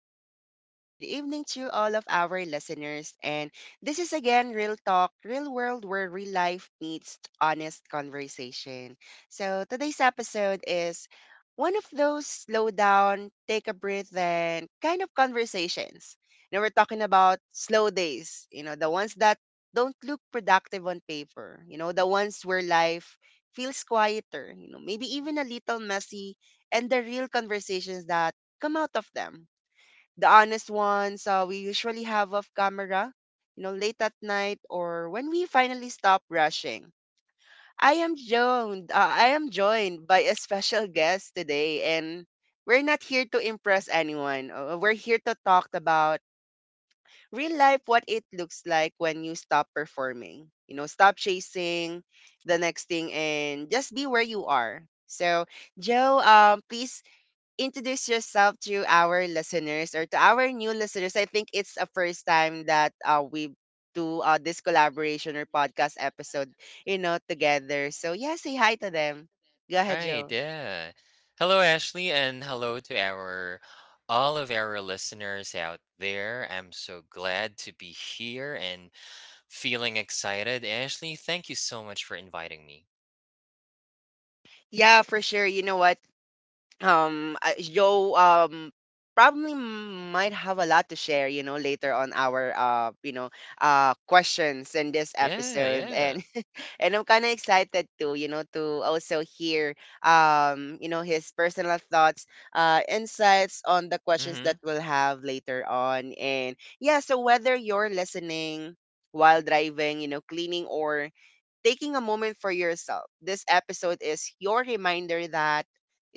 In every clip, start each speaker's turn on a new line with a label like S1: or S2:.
S1: good afternoon, good evening to all of our listeners. And this is again Real Talk, Real World, where real life meets honest conversation. So today's episode is one of those slow down, take a breath, and kind of conversations. Now we're talking about slow days, you know, the ones that don't look productive on paper, you know, the ones where life feels quieter, you know, maybe even a little messy, and the real conversations that come out of them. The honest ones we usually have off camera, you know, late at night or when we finally stop rushing. I am joined. I am joined by a special guest today, and we're not here to impress anyone. We're here to talk about real life, what it looks like when you stop performing. You know, stop chasing the next thing and just be where you are. So, Joe, please introduce yourself to our listeners or to our new listeners. I think it's a first time that we do this collaboration or podcast episode, you know, together. So yeah, say hi to them. Go ahead,
S2: Right,
S1: Joe.
S2: yeah. Hello, Ashley, and hello to our all of our listeners out there. I'm so glad to be here and feeling excited. Ashley, thank you so much for inviting me.
S1: Yeah, for sure. You know what? Joe probably might have a lot to share. You know, later on our you know, questions in this
S2: Yeah,
S1: episode,
S2: yeah.
S1: and I'm kind of excited too, you know, to also hear, you know, his personal thoughts, insights on the questions that
S2: Mm-hmm.
S1: we'll have later on. And yeah, so whether you're listening while driving, you know, cleaning, or taking a moment for yourself. This episode is your reminder that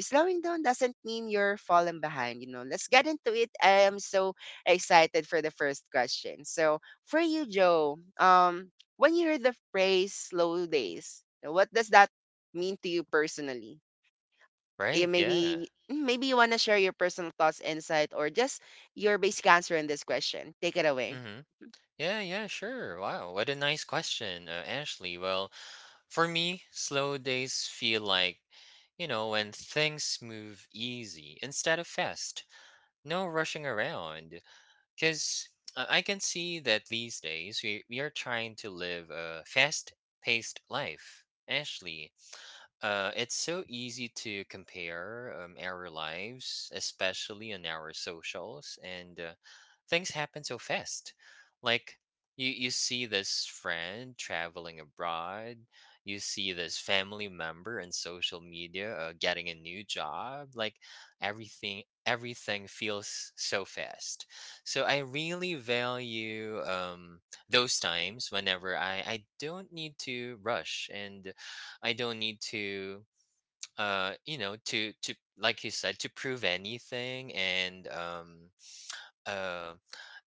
S1: slowing down doesn't mean you're falling behind. You know, let's get into it. I am so excited for the first question. So, for you, Joe, when you hear the phrase slow days, what does that mean to you personally? Yeah,
S2: Right, yeah.
S1: maybe you want to share your personal thoughts, insight, or just your basic answer in this question. Take it away.
S2: Mm-hmm.
S1: Mhm.
S2: Yeah, yeah, sure. Wow, what a nice question, Ashley. Well, for me, slow days feel like, when things move easy instead of fast. No rushing around. Because I can see that these days we are trying to live a fast paced life. Actually, it's so easy to compare our lives, especially on our socials, and things happen so fast. Like, you see this friend traveling abroad, you see this family member on social media getting a new job. Like, everything feels so fast, so I really value those times whenever I don't need to rush, and I don't need to, like you said, to prove anything, and uh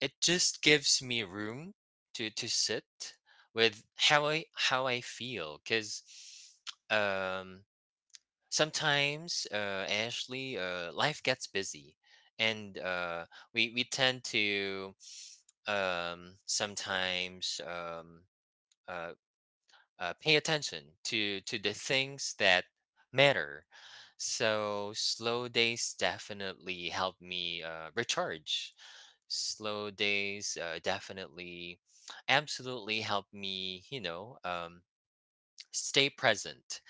S2: it just gives me room to sit with how I feel, because sometimes, Ashley, life gets busy, and we tend to, sometimes, uh, pay attention to the things that matter. So slow days definitely help me recharge. Slow days, definitely, absolutely help me, stay present.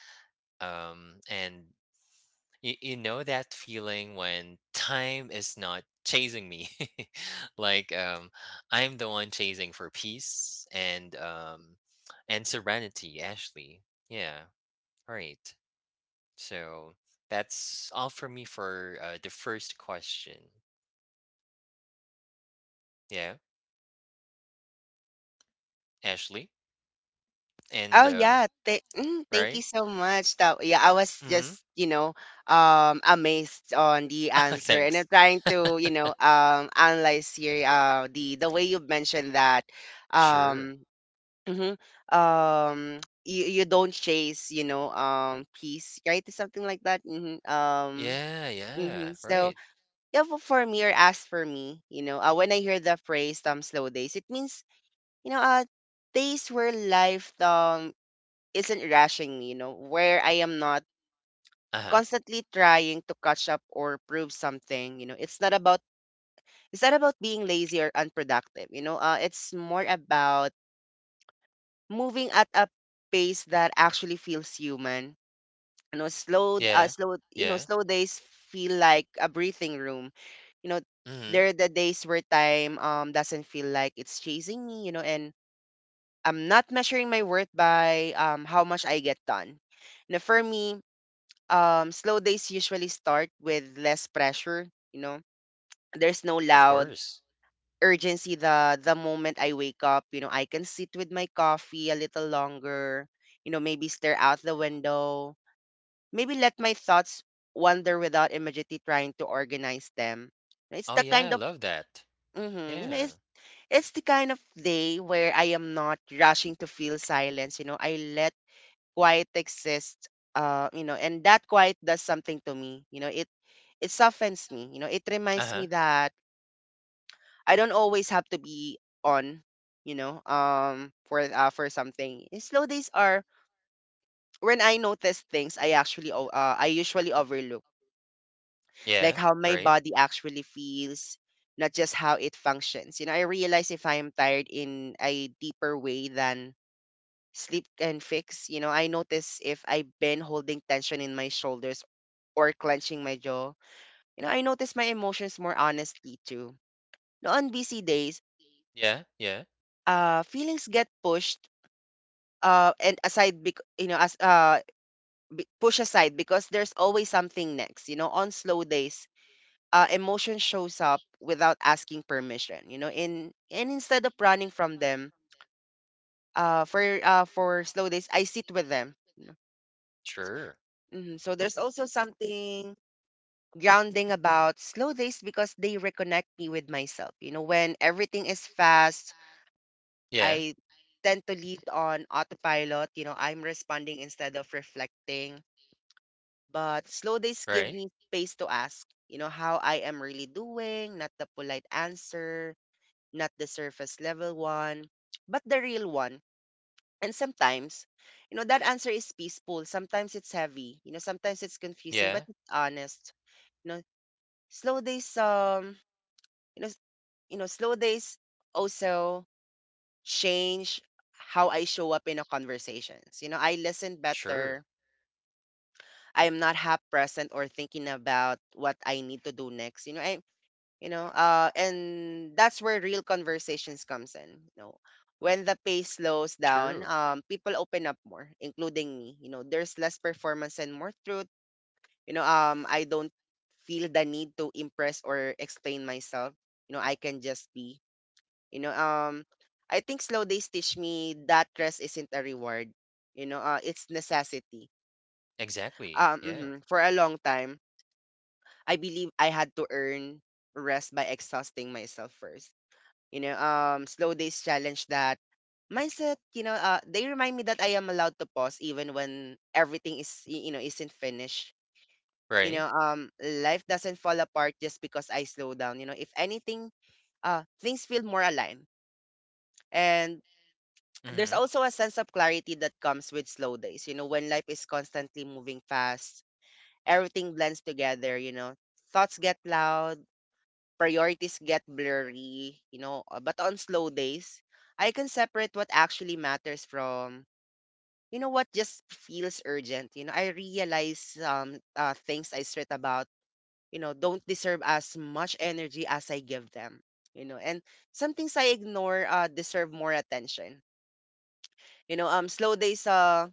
S2: And you know that feeling when time is not chasing me. Like, I'm the one chasing for peace, and and serenity actually. Yeah. All right. So that's all for me for, the first question. Yeah, Ashley. And
S1: Oh, yeah.
S2: all
S1: Thank you
S2: right?
S1: so much. That, yeah, I was
S2: Mhm.
S1: just, you know, amazed on the answer, and
S2: Thanks.
S1: I'm trying to, you know, analyze here, the way you mentioned that,
S2: Sure.
S1: um, mhm, um, you you don't chase, you know, peace, right? Something like that.
S2: Yeah, yeah.
S1: So
S2: Right.
S1: yeah, for me or as for me, you know, when I hear the phrase slow days," it means you know, days where life isn't rushing me, you know, where I am not
S2: Uh-huh.
S1: constantly trying to catch up or prove something, you know. It's not about being lazy or unproductive, you know. It's more about moving at a pace that actually feels human. You know, slow uh,
S2: Yeah.
S1: slow you know,
S2: Yeah.
S1: slow days feel like a breathing room. You know,
S2: Mhm.
S1: there are the days where time doesn't feel like it's chasing me, you know, and I'm not measuring my worth by how much I get done. Now for me, slow days usually start with less pressure. You know, there's no
S2: Of
S1: loud
S2: course.
S1: urgency. The moment I wake up, you know, I can sit with my coffee a little longer. You know, maybe stare out the window. Maybe let my thoughts wander without immediately trying to organize them. It's
S2: Oh
S1: the
S2: yeah, I
S1: kind of
S2: love that.
S1: you know, it's
S2: Yeah.
S1: it's the kind of day where I am not rushing to feel silence. You know, I let quiet exists you know, and that quiet does something to me, you know, it softens me, you know, it reminds
S2: Uh-huh.
S1: me that I don't always have to be on, you know, for something. And slow days are when I notice things I I usually overlook, like
S2: Yeah.
S1: how my
S2: Right.
S1: body actually feels, not just how it functions. You know, I realize if I'm tired in a deeper way than sleep can fix. You know, I notice if I've been holding tension in my shoulders or clenching my jaw. You know, I notice my emotions more honestly too. No, on busy days,
S2: Yeah. Yeah.
S1: feelings get pushed and aside bec- you know, push aside, because there's always something next, you know, on slow days emotion shows up without asking permission, you know, in and instead of running from them, for slow days I sit with them, you know.
S2: Sure.
S1: Mhm. So there's also something grounding about slow days because they reconnect me with myself. You know, when everything is fast,
S2: Yeah.
S1: I tend to lead on autopilot. You know, I'm responding instead of reflecting. But slow days give
S2: Right.
S1: me space to ask, you know, how I am really doing, not the polite answer, not the surface level one, but the real one. And sometimes, you know, that answer is peaceful. Sometimes it's heavy. You know, sometimes it's confusing, but
S2: Yeah.
S1: it's honest. You know, slow days you know you know, slow days also change how I show up in a conversations. You know, I listen
S2: Sure.
S1: better. I am not half present or thinking about what I need to do next. And that's where real conversations comes in. You know, when the pace slows down,
S2: True.
S1: people open up more, including me. You know, there's less performance and more truth. You know, I don't feel the need to impress or explain myself. You know, I can just be. You know, I think slow days teach me that rest isn't a reward. You know, it's necessity.
S2: Exactly. Yeah.
S1: Mhm. For a long time, I believe I had to earn rest by exhausting myself first. You know, slow days challenge that mindset. You know, they remind me that I am allowed to pause even when everything is, you know, isn't finished. You
S2: Right.
S1: know, life doesn't fall apart just because I slow down. You know, if anything, things feel more aligned. And there's
S2: Mhm.
S1: also a sense of clarity that comes with slow days. You know, when life is constantly moving fast, everything blends together, you know. Thoughts get loud, priorities get blurry, you know, but on slow days, I can separate what actually matters from you know what just feels urgent. You know, I realize things I stress about, you know, don't deserve as much energy as I give them. You know, and some things I ignore deserve more attention. You know, slow days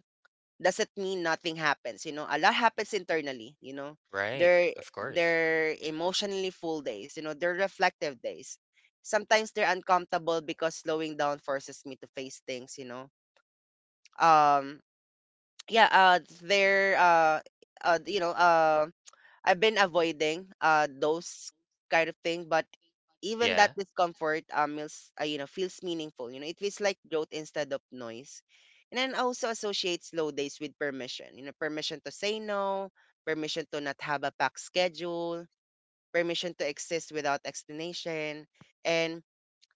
S1: doesn't mean nothing happens. You know, a lot happens internally. You know,
S2: Right.
S1: they're
S2: Of course.
S1: they're emotionally full days. You know, they're reflective days. Sometimes they're uncomfortable because slowing down forces me to face things. You know, um, yeah, they're you know, I've been avoiding those kind of thing, but even
S2: Yeah.
S1: that discomfort feels you know, feels meaningful. You know, it feels like growth instead of noise. And then I also associate slow days with permission. You know, permission to say no, permission to not have a packed schedule, permission to exist without explanation, and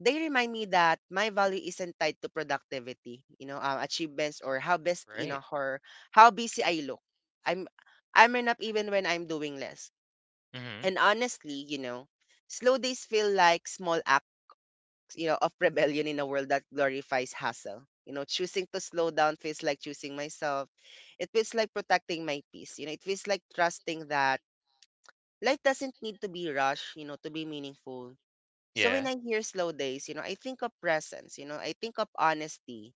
S1: they remind me that my value isn't tied to productivity, you know, achievements, or how best, you
S2: Right.
S1: know, or how busy I look. I'm I'm enough even when I'm doing less.
S2: Mhm.
S1: And honestly, you know, slow days feel like small acts, you know, of rebellion in a world that glorifies hustle. You know, choosing to slow down feels like choosing myself. It feels like protecting my peace. You know, it feels like trusting that life doesn't need to be rushed, you know, to be meaningful. So
S2: Yeah.
S1: when I hear slow days, you know, I think of presence, you know, I think of honesty.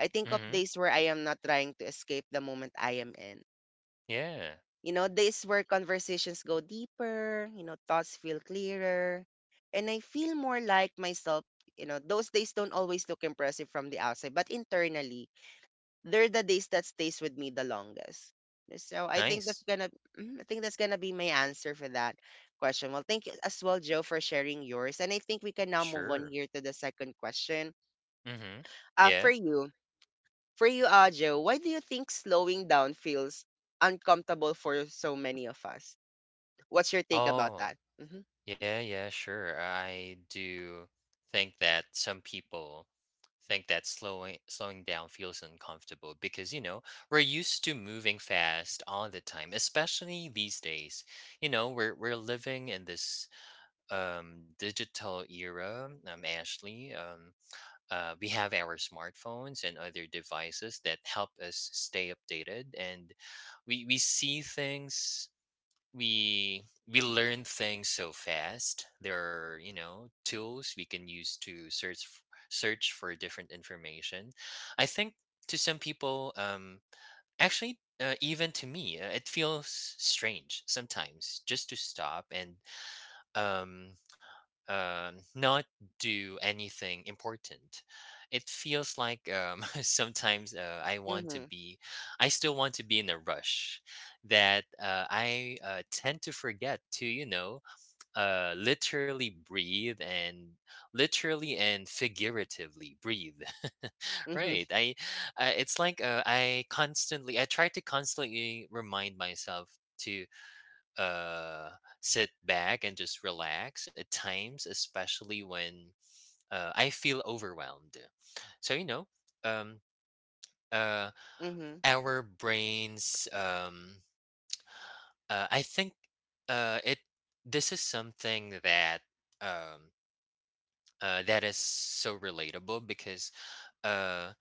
S1: I think of
S2: Mhm.
S1: days where I am not trying to escape the moment I am in.
S2: Yeah.
S1: You know, this where conversations go deeper, you know, thoughts feel clearer, and I feel more like myself. You know, those days don't always look impressive from the outside, but internally, they're the days that stays with me the longest. So I think that's
S2: Nice.
S1: I think that's gonna be my answer for that question. Well, thank you as well, Joe, for sharing yours, and I think we can now move on
S2: Sure.
S1: here to the second question.
S2: Mhm.
S1: Uh, for
S2: Yeah.
S1: you, for you, Joe, why do you think slowing down feels uncomfortable for so many of us? What's your take about
S2: Oh.
S1: that? Mhm.
S2: Yeah, yeah, sure. I do think that some people think that slowing down feels uncomfortable because, you know, we're used to moving fast all the time, especially these days. You know, we're living in this digital era, Ashley. We have our smartphones and other devices that help us stay updated, and we see things, we learn things so fast. There are, you know, tools we can use to search search for different information. I think, to some people, actually, even to me, it feels strange sometimes just to stop and, um not do anything important. It feels like, sometimes,
S1: Mhm.
S2: I still want to be in a rush, that I, tend to forget to, literally breathe and literally and figuratively breathe.
S1: Mhm.
S2: Right. It's like, I try to constantly remind myself to uh, sit back and just relax at times, especially when, I feel overwhelmed. So, you know, um, uh,
S1: Mhm.
S2: our brains. I think, it. This is something that um, that is so relatable, because uh,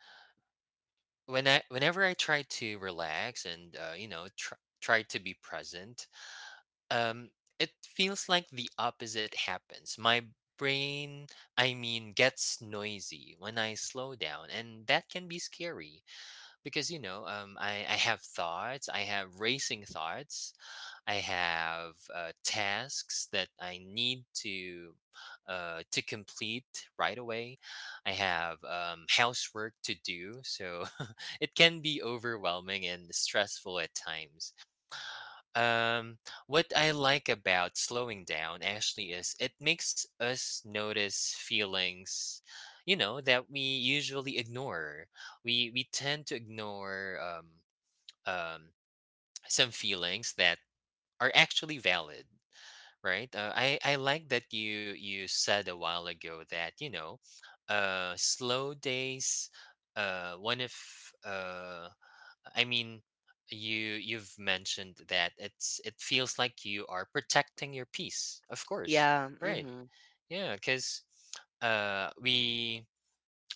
S2: whenever I try to relax, and, try to be present. Um, it feels like the opposite happens. My brain, I mean, gets noisy when I slow down, and that can be scary because, you know, I have thoughts, I have racing thoughts, I have, tasks that I need to, complete right away. I have, housework to do, so it can be overwhelming and stressful at times. Um, what I like about slowing down actually is it makes us notice feelings, you know, that we usually ignore. We tend to ignore, um, some feelings that are actually valid, right? I like that you said a while ago that, you know, slow days, one of, uh I mean, you've mentioned that it feels like you are protecting your peace. Of course.
S1: Yeah.
S2: Right.
S1: Mhm.
S2: Yeah, cuz we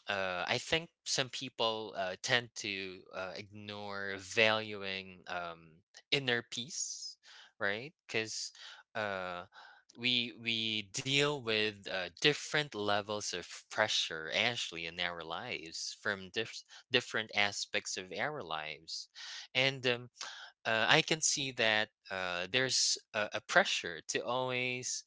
S2: I think some people, tend to, ignore valuing, inner peace, right? Because uh, we deal with, different levels of pressure actually in our lives, from different aspects of our lives, and I can see that, there's a pressure to always,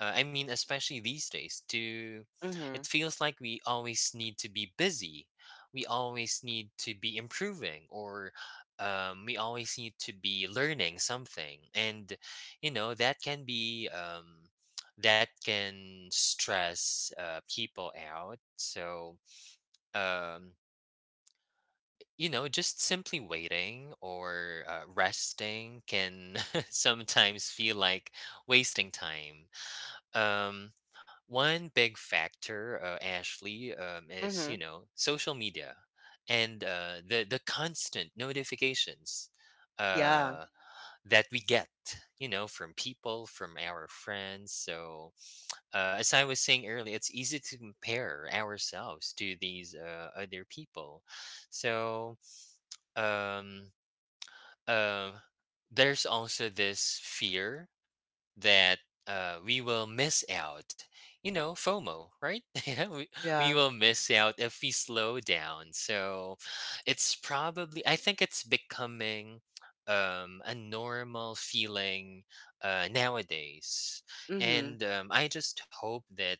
S2: I mean, especially these days, to it
S1: Mhm.
S2: feels like we always need to be busy. We always need to be improving, or, we always need to be learning something, and you know, that can stress, people out. So, um, you know, just simply waiting or, resting can sometimes feel like wasting time. um, One big factor, Ashley, is,
S1: Mhm.
S2: social media, and the constant notifications,
S1: Yeah.
S2: uh, that we get, you know, from people, from our friends. So, as I was saying earlier, it's easy to compare ourselves to these, other people. So, um, um, there's also this fear that, we will miss out. You know, FOMO, right? Yeah, we
S1: Yeah.
S2: will miss out if we slow down. So it's probably, I think it's becoming, a normal feeling, nowadays.
S1: Mhm.
S2: And, I just hope that,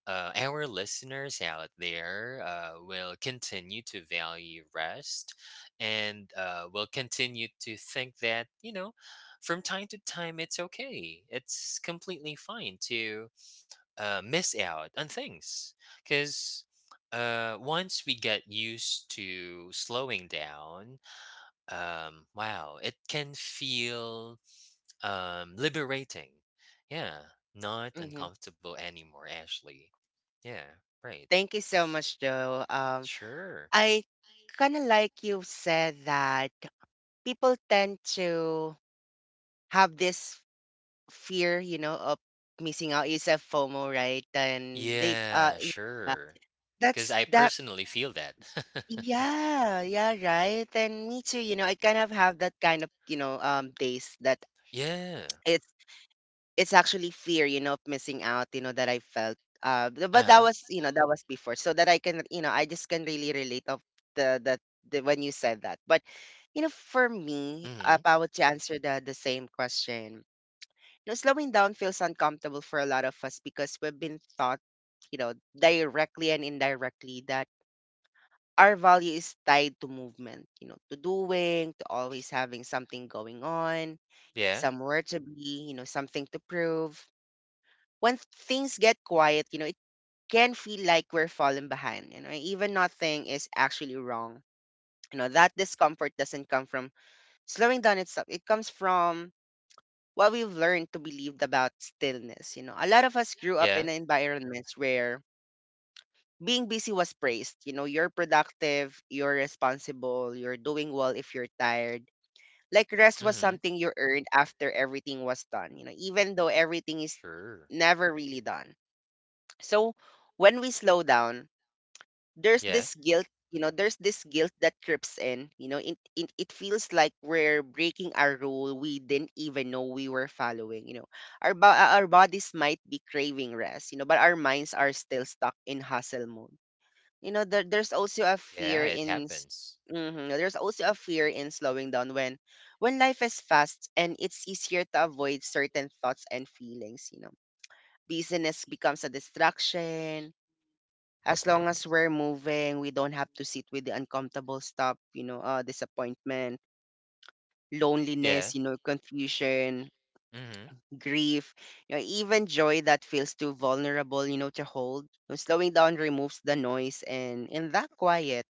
S2: our listeners out there, will continue to value rest, and, will continue to think that, you know, from time to time, it's okay. It's completely fine to, miss out on things, because once we get used to slowing down, wow, it can feel, liberating. Yeah, not
S1: Mhm.
S2: uncomfortable anymore, Ashley. Yeah, right.
S1: Thank you so much, Joe.
S2: Sure.
S1: I kind of like you said that people tend to have this fear, you know, of missing out. You said FOMO, right? And they,
S2: Yeah,
S1: yeah.
S2: sure. Because
S1: That's
S2: I
S1: that.
S2: personally feel that.
S1: Yeah, yeah, right. And me too, you know, I kind of have that kind of, you know, days that
S2: Yeah.
S1: it's actually fear, you know, of missing out, you know, that I felt. Uh, th-
S2: Uh
S1: but that
S2: huh.
S1: was, you know, that was before, so that I can, you know, I just can really relate of the the, the when you said that. But you know, for me, if
S2: Hmm.
S1: I were to answer the same question, you know, slowing down feels uncomfortable for a lot of us because we've been taught, you know, directly and indirectly that our value is tied to movement, you know, to doing, to always having something going on,
S2: Yeah.
S1: somewhere to be, you know, something to prove once things get quiet, you know, it can feel like we're falling behind. You know, even nothing is actually wrong. You know, that discomfort doesn't come from slowing down itself. It comes from what we've learned to believe about stillness. You know, a lot of us grew up in
S2: Yeah.
S1: environments where being busy was praised. You know, you're productive, you're responsible, you're doing well if you're tired. Like rest was
S2: Mhm.
S1: something you earned after everything was done, you know, even though everything is
S2: Sure.
S1: never really done. So when we slow down, there's
S2: Yeah.
S1: this guilt, you know, there's this guilt that creeps in. You know, it feels like we're breaking a rule we didn't even know we were following. You know, our bodies might be craving rest, you know, but our minds are still stuck in hustle mode. You know, there's also a
S2: Yeah,
S1: fear
S2: it
S1: in
S2: happens.
S1: there's also a fear in slowing down when life is fast and it's easier to avoid certain thoughts and feelings. You know, busyness becomes a distraction. As long as we're moving, we don't have to sit with the uncomfortable stuff, you know, disappointment,
S2: Yeah.
S1: loneliness, you know, confusion,
S2: Mhm.
S1: grief, you know, even joy that feels too vulnerable, you know, to hold. You know, slowing down removes the noise, and in that quiet,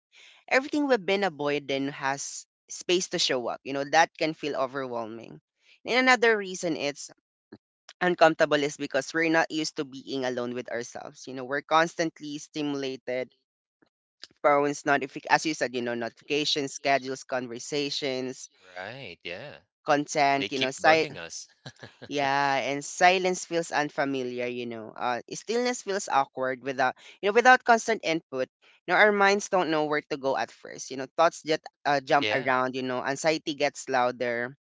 S1: everything we've been avoiding has space to show up. You know, that can feel overwhelming. And another reason it's uncomfortable is because we're not used to being alone with ourselves. You know, we're constantly stimulated, phones, notific as you said, you know, notifications, schedules, conversations,
S2: Right, yeah. They
S1: content, you know,
S2: keep bugging us.
S1: yeah, and silence feels unfamiliar, you know. Stillness feels awkward without, you know, without constant input. You know, our minds don't know where to go at first. You know, thoughts just jump
S2: Yeah,
S1: around. You know, anxiety gets louder.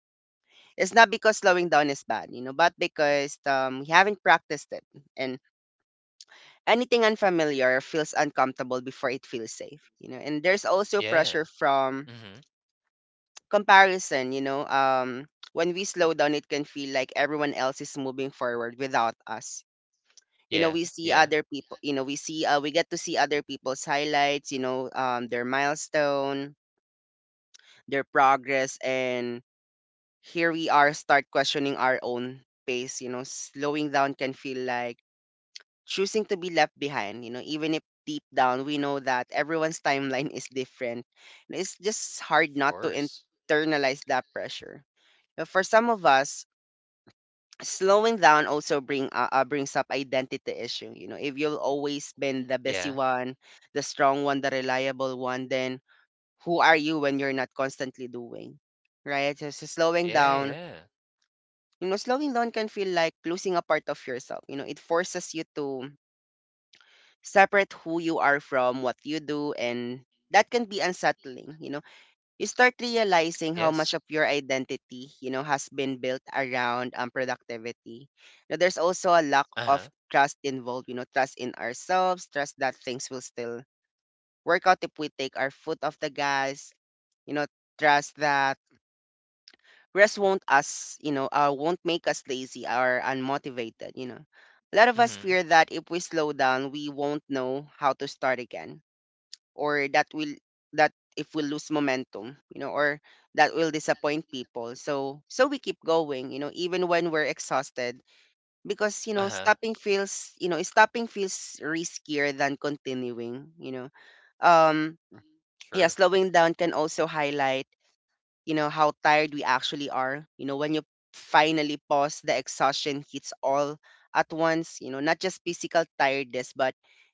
S1: It's not because slowing down is bad, you know, but because we haven't practiced it, and anything unfamiliar feels uncomfortable before it feels safe, you know. And there's also pressure
S2: yeah.
S1: from
S2: Mhm.
S1: comparison, you know, when we slow down, it can feel like everyone else is moving forward without us. You know,
S2: Yeah,
S1: we see
S2: yeah, of
S1: other people, you know, we see, we get to see other people's highlights, you know, their milestone, their progress. And here we are, start questioning our own pace. You know, slowing down can feel like choosing to be left behind, you know, even if deep down we know that everyone's timeline is different. It's just hard not to
S2: course.
S1: internalize that pressure. But for some of us, slowing down also brings up identity issue. You know, if you'll always been the busy
S2: Yeah.
S1: one, the strong one, the reliable one, then who are you when you're not constantly doing, right? So slowing
S2: Yeah,
S1: down,
S2: yeah.
S1: you know, slowing down can feel like losing a part of yourself. You know, it forces you to separate who you are from what you do, and that can be unsettling. You know, you start realizing how much
S2: Yes.
S1: of your identity, you know, has been built around productivity. Now, there's also a lack of
S2: Uh-huh.
S1: trust involved, you know, trust in ourselves, trust that things will still work out if we take our foot off the gas, you know, trust that rest won't us, you know, won't make us lazy or unmotivated, you know. A lot of us
S2: Mhm.
S1: fear that if we slow down, we won't know how to start again or that will that if we lose momentum, you know, or that will disappoint people, so we keep going, you know, even when we're exhausted, because you know
S2: Uh-huh.
S1: stopping feels, you know, stopping feels riskier than continuing, you know. um yeah,
S2: Sure.
S1: slowing down can also highlight, you know, how tired we actually are. You know, when you finally pause, the exhaustion hits all at once, you know, not just physical tiredness, but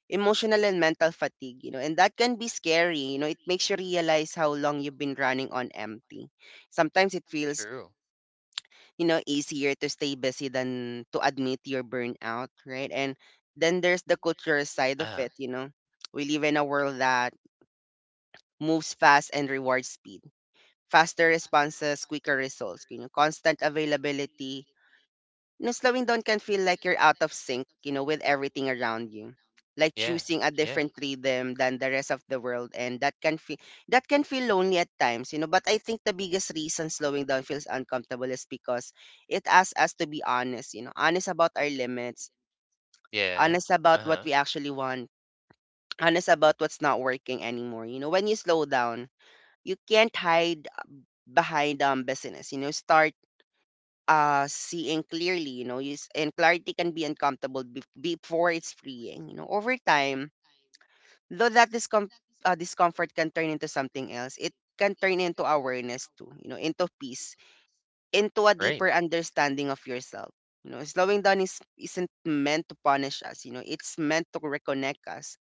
S1: emotional and mental fatigue, you know, and that can be scary. You know, it makes you
S2: Mhm.
S1: realize how long you've been running on empty. Sometimes it feels,
S2: True.
S1: you know, easier to stay busy than to admit your burnout, right? And then there's the cultural side of
S2: Uh-huh.
S1: it, you know. We live in a world that moves fast and rewards speed, faster responses, quicker results, you know, constant availability. You know, slowing down can feel like you're out of sync, you know, with everything around you. Like
S2: Yeah.
S1: choosing a
S2: Yeah.
S1: different rhythm than the rest of the world, and that can feel lonely at times, you know. But I think the biggest reason slowing down feels uncomfortable is because it asks us to be honest, you know, honest about our limits,
S2: Yeah.
S1: honest about what
S2: Uh-huh.
S1: we actually want, honest about what's not working anymore. You know, when you slow down, you can't hide behind business. You know, start seeing clearly, you know, use and clarity can be uncomfortable before it's freeing, you know, over
S2: Mhm.
S1: time, though that discomfort can turn into something else. It can turn into awareness too, you know, into peace, into a
S2: Right.
S1: deeper understanding of yourself. You know, slowing down is isn't meant to punish us, you know, it's meant to reconnect us,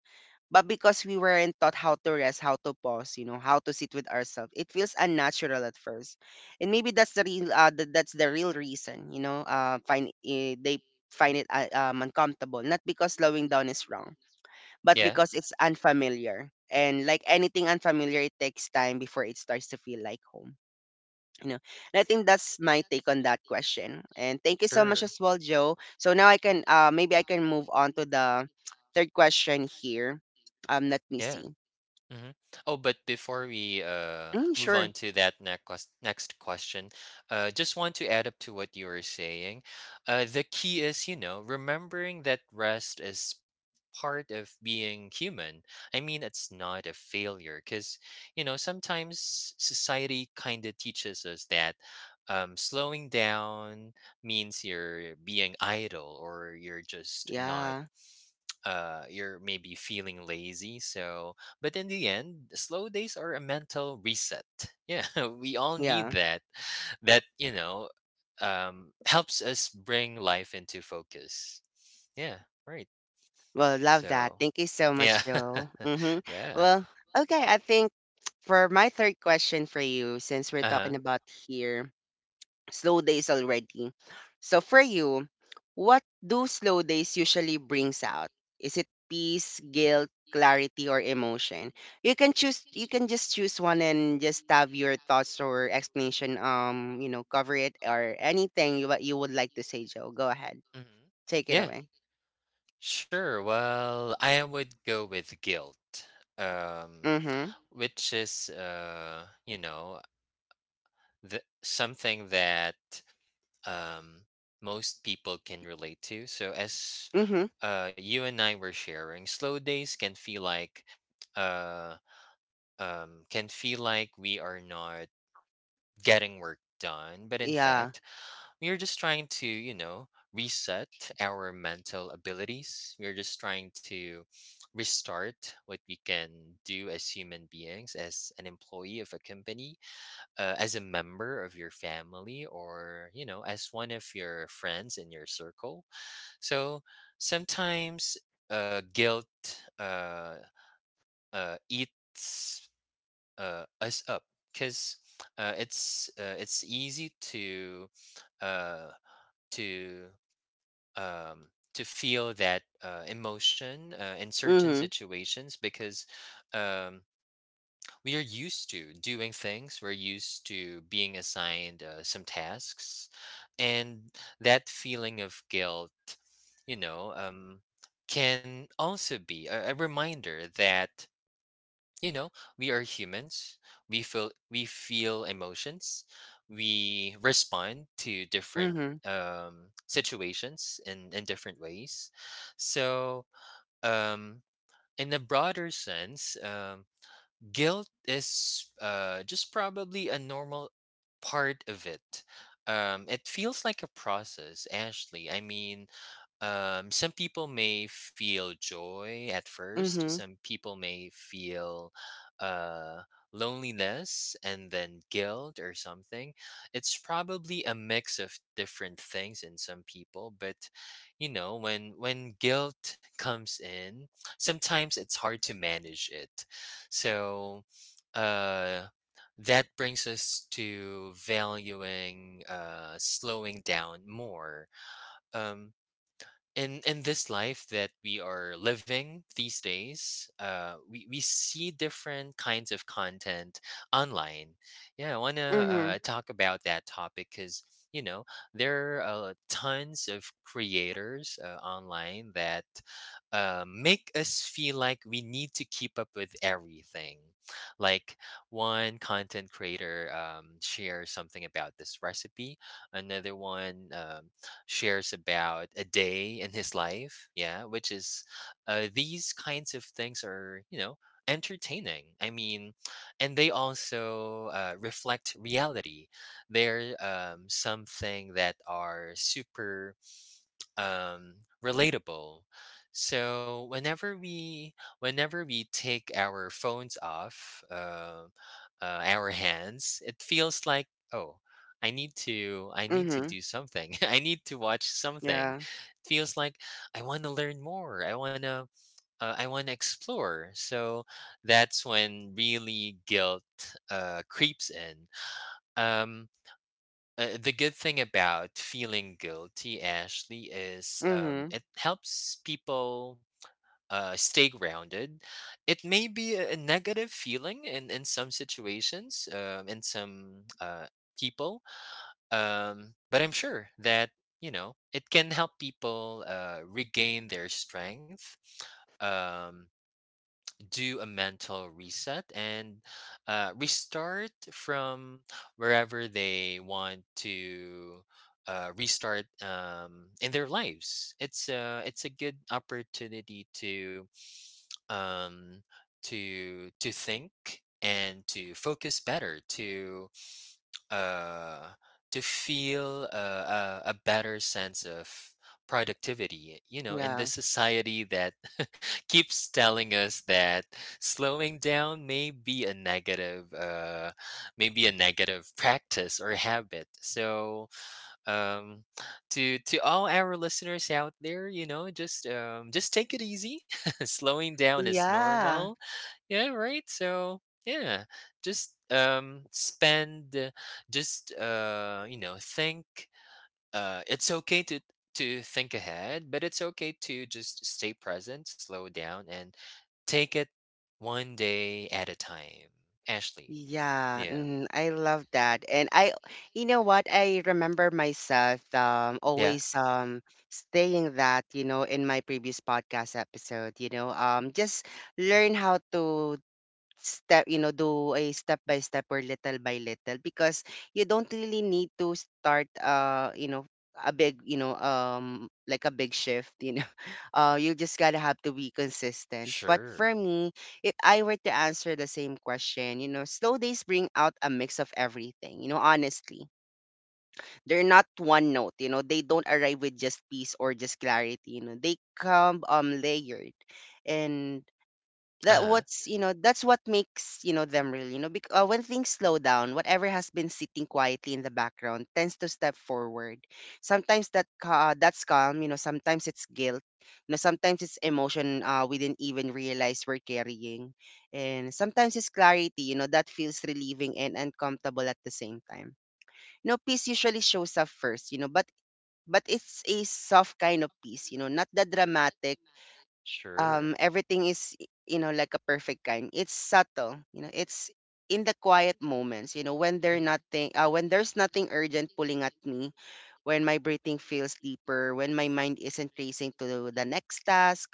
S1: but because we weren't taught how to rest, how to pause, you know, how to sit with ourselves, it feels unnatural at first, and maybe that's the real, that's the real reason, you know, find they find it uncomfortable, not because slowing down is wrong, but
S2: Yeah.
S1: because it's unfamiliar, and like anything unfamiliar, it takes time before it starts to feel like home. You know, and I think that's my take on that question. And thank you so much
S2: Sure.
S1: as well, Joe. So now I can, maybe I can move on to the third question here. Let me
S2: Yeah.
S1: see.
S2: hmm Oh, but before we,
S1: Mm,
S2: move on
S1: sure.
S2: to that next question, just want to add up to what you were saying. The key is, you know, remembering that rest is part of being human. I mean, it's not a failure, because, you know, sometimes society kind of teaches us that, slowing down means you're being idle, or you're just not,
S1: Yeah.
S2: you're maybe feeling lazy. So but in the end, slow days are a mental reset. Yeah. We all need
S1: Yeah.
S2: that that, helps us bring life into focus. Yeah. Right.
S1: Well, love that.
S2: So
S1: Thank you so
S2: yeah.
S1: much, Joe. Mm-hmm.
S2: Yeah.
S1: Well, okay. I think for my third question for you, since we're talking
S2: Uh-huh.
S1: about here, slow days already. So for you, what do slow days usually brings out? Is it peace, guilt, clarity, or emotion? You can choose. You can just choose one and just have your thoughts or explanation. You know, cover it or anything you what you would like to say, Joe. Go ahead,
S2: Mhm.
S1: take it
S2: Yeah.
S1: away.
S2: Sure. Well, I would go with guilt, um
S1: Mhm.
S2: which is, the something that, um, most people can relate to. So, as,
S1: Mhm.
S2: you and I were sharing, slow days can feel uh, like we are not getting work done, but in
S1: Yeah.
S2: fact, we are just trying to, you know, reset our mental abilities. We are just trying to restart what we can do as human beings, as an employee of a company, as a member of your family, or, you know, as one of your friends in your circle. So sometimes, guilt, eats, us up, because, it's easy to, uh, to feel that, emotion, in certain
S1: Mhm.
S2: situations, because, um, we are used to doing things, we're used to being assigned, some tasks. And that feeling of guilt, you know, can also be a reminder that, you know, we are humans. We feel emotions. We respond to different,
S1: Mhm.
S2: situations in different ways. So, um, in a broader sense, guilt is, just probably a normal part of it. It feels like a process, Ashley. I mean, some people may feel joy at first.
S1: Mhm.
S2: Some people may feel, uh, loneliness and then guilt or something. It's probably a mix of different things in some people. But you know, when guilt comes in, sometimes it's hard to manage it. So, uh, that brings us to valuing, slowing down more. Um, in this life that we are living these days, we see different kinds of content online. Yeah, I want to,
S1: Mhm.
S2: talk about that topic, because you know there are, tons of creators, online that, make us feel like we need to keep up with everything. Like, one content creator, shares something about this recipe. Another one, shares about a day in his life. Yeah, which is these kinds of things are, you know, entertaining. I mean, and they also, reflect reality. They're something that are super relatable. So whenever we take our phones off our hands, it feels like, oh, I need to
S1: Mhm.
S2: do something. I need to watch something.
S1: Yeah.
S2: It feels like I want to learn more, I want to I want to explore. So that's when really guilt creeps in. um the good thing about feeling guilty, Ashley, is
S1: Mhm.
S2: it helps people stay grounded. It may be a negative feeling in some situations, in some people, but I'm sure that, you know, it can help people regain their strength. Um, do a mental reset and restart from wherever they want to restart in their lives. It's a good opportunity um, to think and to focus better, uh, to feel a better sense of productivity, you know, in
S1: Yeah.
S2: this society that keeps telling us that slowing down may be a negative maybe a negative practice or habit. So um to all our listeners out there, you know, just take it easy. Slowing down is normal.
S1: Yeah.
S2: Yeah, right. So yeah, just spend, just you know, think, it's okay to think ahead, but it's okay to just stay present, slow down, and take it one day at a time. Ashley,
S1: Yeah,
S2: yeah,
S1: mhm, I love that. And I, you know what? I remember myself
S2: yeah,
S1: always saying that, you know, in my previous podcast episode, you know, just learn how to step, you know, do a step by step or little by little because you don't really need to start you know, a big, you know, like a big shift, you know. You just gotta have to be consistent. But
S2: sure,
S1: for me, if I were to answer the same question, you know, slow days bring out a mix of everything, you know, honestly. They're not one note, you know, they don't arrive with just peace or just clarity, you know. They come layered. And
S2: uh
S1: that
S2: huh,
S1: what's, you know, that's what makes, you know, them real, you know, because when things slow down whatever has been sitting quietly in the background tends to step forward. Sometimes that that's calm, you know, sometimes it's guilt, you know, sometimes it's emotion we didn't even realize we're carrying, and sometimes it's clarity, you know, that feels relieving and uncomfortable at the same time. You know, peace usually shows up first, you know, but it's a soft kind of peace, you know, not the dramatic
S2: sure,
S1: everything is, you know, like a perfect kind. It's subtle, you know, it's in the quiet moments, you know,
S2: hmm,
S1: when there's nothing urgent pulling at me, when my breathing feels deeper, when my mind isn't racing to the next task,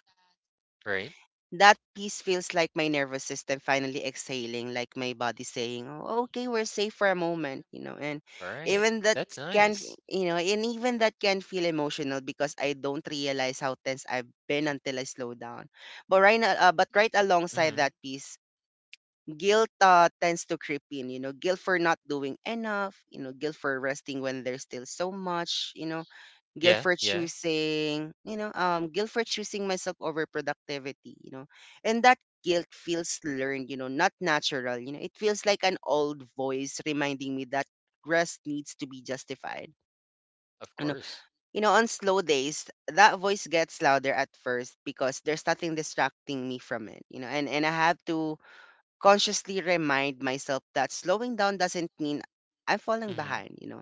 S2: right,
S1: that piece feels like my nervous system finally exhaling, like my body saying, "Oh, okay, we're safe for a moment," you know. And
S2: all right,
S1: even that
S2: that's
S1: can, f-
S2: nice.
S1: you know, and even that can feel emotional because I don't realize how tense I've been until I slow down. But right now, but right alongside
S2: Hmm.
S1: that piece, guilt tends to creep in. You know, guilt for not doing enough. You know, guilt for resting when there's still so much. You know, guilt
S2: Yeah,
S1: for
S2: yeah,
S1: choosing, guilt for choosing myself over productivity, you know, and that guilt feels learned, you know, not natural. You know, it feels like an old voice reminding me that rest needs to be justified.
S2: of
S1: You know,
S2: course.
S1: you know, on slow days, that voice gets louder at first because there's nothing distracting me from it, you know, and I have to consciously remind myself that slowing down doesn't mean I'm falling
S2: Mm-hmm.
S1: behind, you know.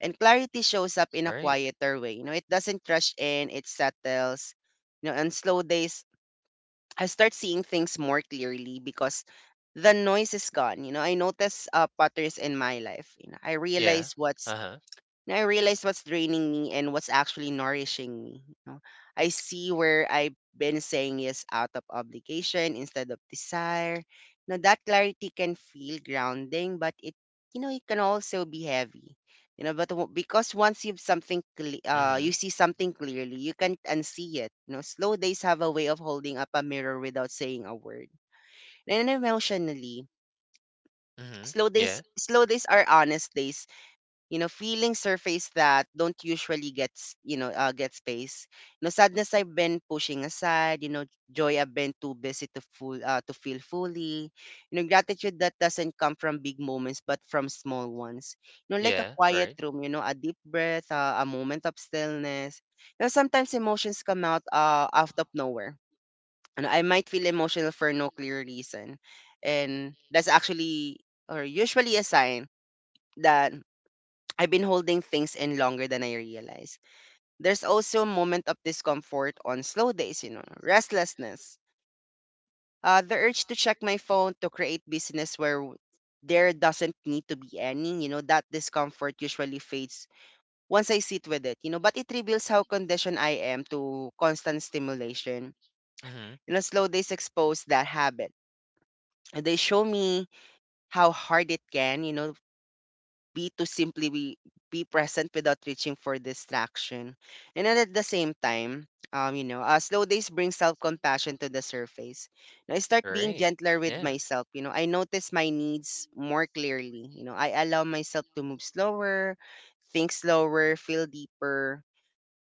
S1: And clarity shows up in a
S2: Right.
S1: quieter way. You know, it doesn't rush in, it settles. You know, on slow days, I start seeing things more clearly because the noise is gone. You know, I notice patterns in my life. You know, I
S2: Yeah.
S1: realize what's
S2: Uh huh.
S1: and I realized what's draining me and what's actually nourishing me, you know. I see where I've been saying yes out of obligation instead of desire. Now that clarity can feel grounding, but it, you know, it can also be heavy. You know, but w- because once you've something, cle- you
S2: Mm-hmm.
S1: see something clearly, you can't unsee it. You know, slow days have a way of holding up a mirror without saying a word. And then emotionally,
S2: Mm-hmm.
S1: slow days,
S2: Yeah.
S1: slow days are honest days. You know, feeling surface that don't usually get space. You know, sadness I've been pushing aside, you know, joy I've been too busy to feel fully. You know, gratitude that doesn't come from big moments but from small ones. You know, like a
S2: Yeah.
S1: quiet
S2: Right.
S1: room, you know, a deep breath, a moment of stillness. You know, sometimes emotions come out, out of nowhere, and I might feel emotional for no clear reason, and that's actually or usually a sign that I've been holding things in longer than I realized. There's also a moment of discomfort on slow days, you know, restlessness, the urge to check my phone to create business where there doesn't need to be any. You know, that discomfort usually fades once I sit with it, you know, but it reveals how conditioned I am to constant stimulation.
S2: Mm-hmm.
S1: You know, slow days expose that habit. They show me how hard it can, you know, be to simply be present without reaching for distraction. And then at the same time, slow days bring self compassion to the surface. Now, I start being
S2: Right.
S1: gentler with
S2: Yeah.
S1: myself. You know, I notice my needs more clearly. You know, I allow myself to move slower, think slower, feel deeper.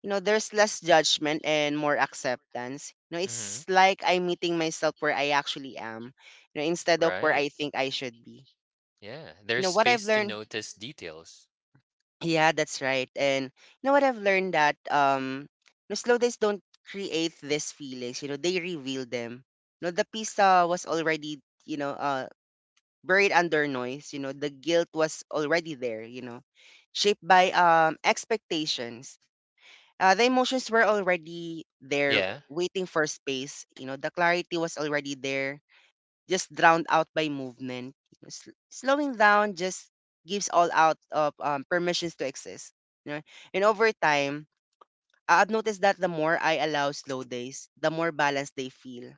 S1: You know, there's less judgment and more acceptance. You know,
S2: Mm-hmm.
S1: it's like I'm meeting myself where I actually am, you know, instead of where
S2: Right.
S1: I think I should be.
S2: Yeah, there's
S1: You know, what
S2: space
S1: I've
S2: to
S1: learned
S2: notice details.
S1: Yeah, that's right. And what I've learned, that no, slow days don't create these feelings, you know, they reveal them. No, the peace, was already, you know, uh buried under noise. You know, the guilt was already there, you know, shaped by expectations. The emotions were already there
S2: Yeah,
S1: waiting for space. You know, the clarity was already there, just drowned out by movement. Slowing down just gives all out of permissions to exist. You know? And over time, I've noticed that the more I allow slow days, the more balanced they feel.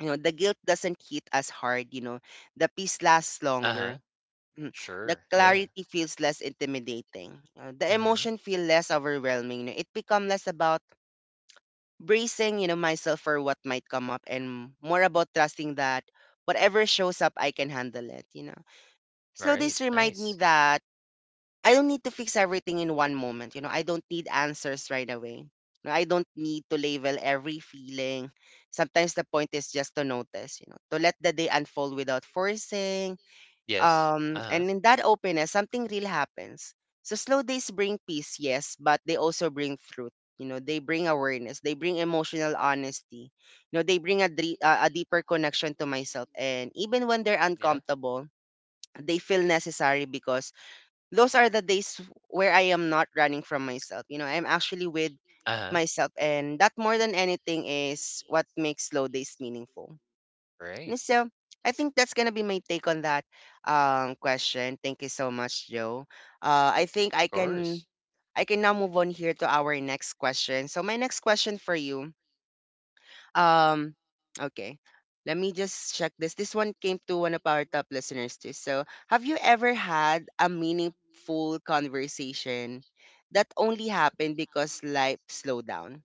S1: You know, the guilt doesn't hit as hard. You know, the peace lasts longer.
S2: uh-huh,
S1: Mm. The
S2: sure, yeah,
S1: clarity feels less intimidating. The
S2: mhm,
S1: emotion feel less overwhelming. You know? It become less about bracing, you know, myself for what might come up and more about trusting that whatever shows up, I can handle it, you know.
S2: all
S1: Slow
S2: right.
S1: days remind
S2: Nice.
S1: me that I don't need to fix everything in one moment, you know. I don't need answers right away. No, I don't need to label every feeling. Sometimes the point is just to notice, you know, to let the day unfold without forcing,
S2: Yes, uh-huh,
S1: and in that openness, something real happens. So slow days bring peace, yes, but they also bring truth. You know, they bring awareness, they bring emotional honesty. You know, they bring a, a deeper connection to myself. And even when they're
S2: yeah,
S1: uncomfortable, they feel necessary because those are the days where I am not running from myself. You know, I'm actually with
S2: uh-huh,
S1: myself. And that, more than anything, is what makes slow days meaningful.
S2: right,
S1: And so I think that's gonna be my take on that question. Thank you so much, Joe. I think
S2: of course,
S1: I can now move on here to our next question. So my next question for you, um, okay, let me just check this. This one came to one of our top listeners too. So have you ever had a meaningful conversation that only happened because life slowed down?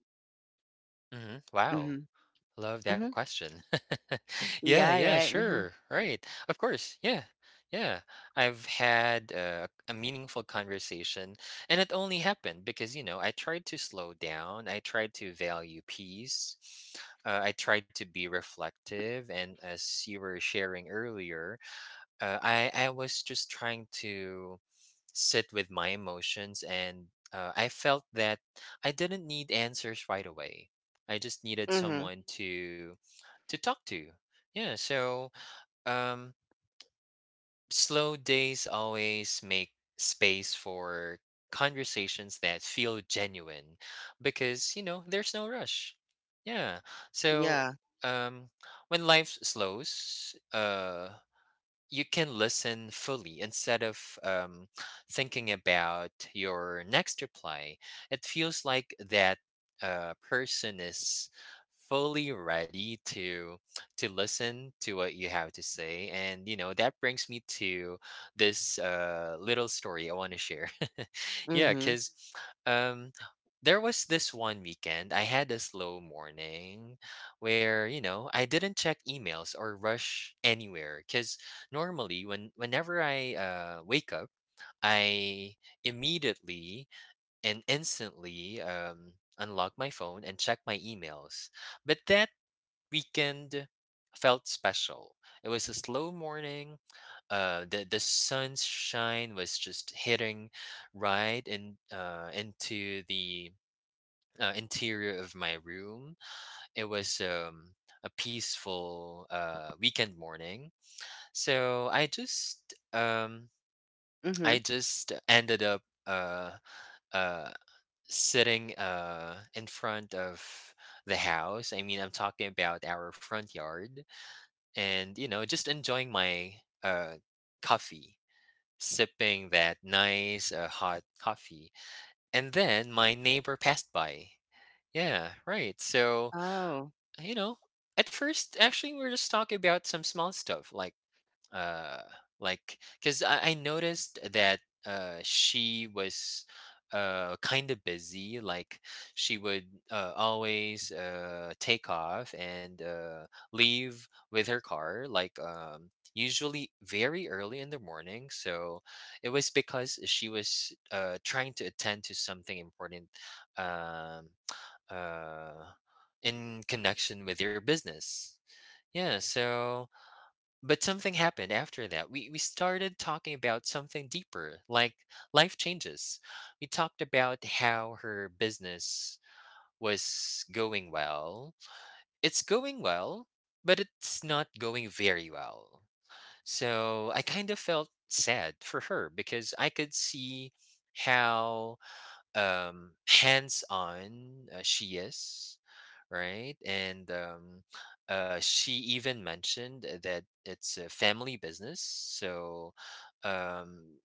S2: mhm, wow.
S1: Mm-hmm.
S2: Love that
S1: Mm-hmm.
S2: question. Yeah,
S1: Yeah.
S2: yeah,
S1: Right. Mm-hmm.
S2: sure. Right. Of course. Yeah. Yeah. I've had a meaningful conversation, and it only happened because, you know, I tried to slow down. I tried to value peace. I tried to be reflective. And as you were sharing earlier, I was just trying to sit with my emotions, and I felt that I didn't need answers right away. I just needed
S1: Mm-hmm.
S2: someone to talk to. Yeah, so um, slow days always make space for conversations that feel genuine, because you know there's no rush. Yeah, so
S1: Yeah.
S2: um, when life slows, you can listen fully instead of thinking about your next reply. It feels like that person is fully ready to to listen to what you have to say, and you know that brings me to this little story I want to share. Yeah,
S1: Mm-hmm.
S2: because um there was this one weekend I had a slow morning where, you know, I didn't check emails or rush anywhere, because normally when whenever I wake up, I immediately and instantly unlock my phone and check my emails. But that weekend felt special. It was a slow morning. The sunshine was just hitting right in into the interior of my room. It was a peaceful weekend morning, so I just
S1: Mm-hmm.
S2: ended up uh sitting in front of the house. I mean, I'm talking about our front yard, and, you know, just enjoying my uh coffee, sipping that nice hot coffee. And then my neighbor passed by. Yeah, right. So,
S1: Oh.
S2: you know, at first actually we were just talking about some small stuff, uh like because I noticed that she was kind of busy. Like she would always take off and leave with her car, like usually very early in the morning. So it was because she was trying to attend to something important um uh in connection with your business. Yeah, so but something happened after that. We started talking about something deeper, like life changes. We talked about how her business was going well. It's going well, but it's not going very well. So I kind of felt sad for her because I could see how hands on she is, right? And she even mentioned that it's a family business. So um,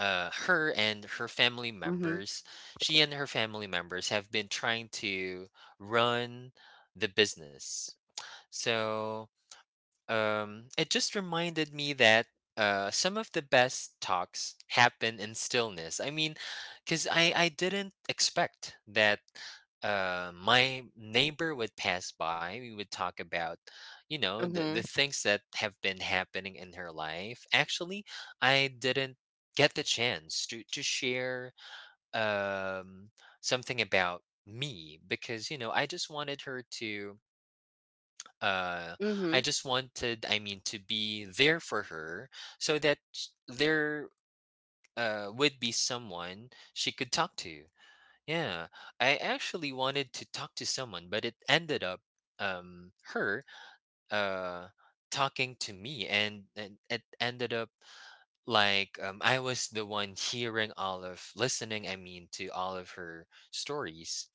S2: her and her family
S1: Mhm.
S2: members, she and her family members have been trying to run the business. So it just reminded me that some of the best talks happen in stillness. I mean, because I didn't expect that my neighbor would pass by. We would talk about, you know, the
S1: Mhm.
S2: things that have been happening in her life. Actually, I didn't get the chance to share um, something about me because, you know, uh, I
S1: Mhm.
S2: just wanted, I mean, to be there for her so that sh- there would be someone she could talk to. Yeah, I actually wanted to talk to someone, but it ended up her uh, talking to me, and it ended up like I was the one hearing all of, listening, I mean, to all of her stories.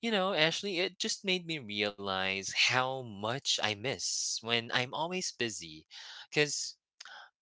S2: You know, Ashley, it just made me realize how much I miss when I'm always busy. Because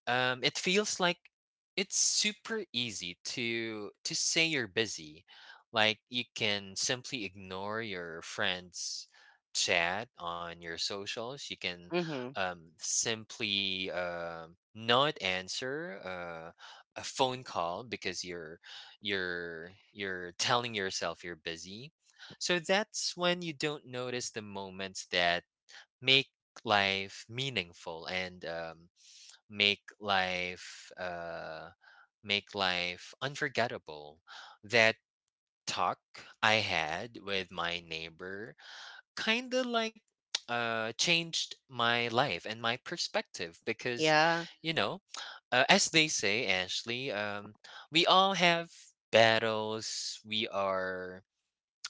S2: it feels like it's super easy to say you're busy. Like you can simply ignore your friends, chat on your socials, you can
S1: Mhm.
S2: simply not answer a phone call because you're telling yourself you're busy. So that's when you don't notice the moments that make life meaningful and make life uh make life unforgettable. That talk I had with my neighbor kind of like changed my life and my perspective, because
S1: Yeah.
S2: you know as they say, Ashley, we all have battles we are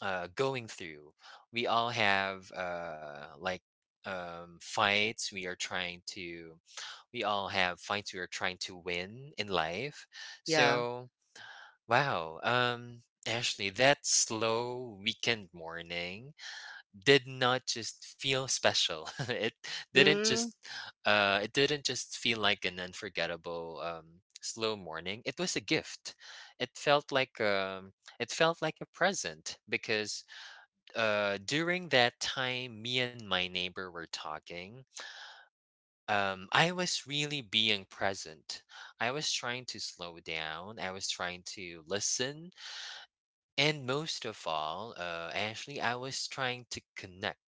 S2: going through. We all have like fights we are trying to, we all have fights we are trying to win in life.
S1: Yeah.
S2: So, wow. Ashley, that slow weekend morning did not just feel special. It didn't just,
S1: Mm.
S2: it didn't just feel like an unforgettable slow morning. It was a gift. It felt like um, it felt like a present, because during that time, me and my neighbor were talking. I was really being present. I was trying to slow down. I was trying to listen, and most of all, actually, I was trying to connect.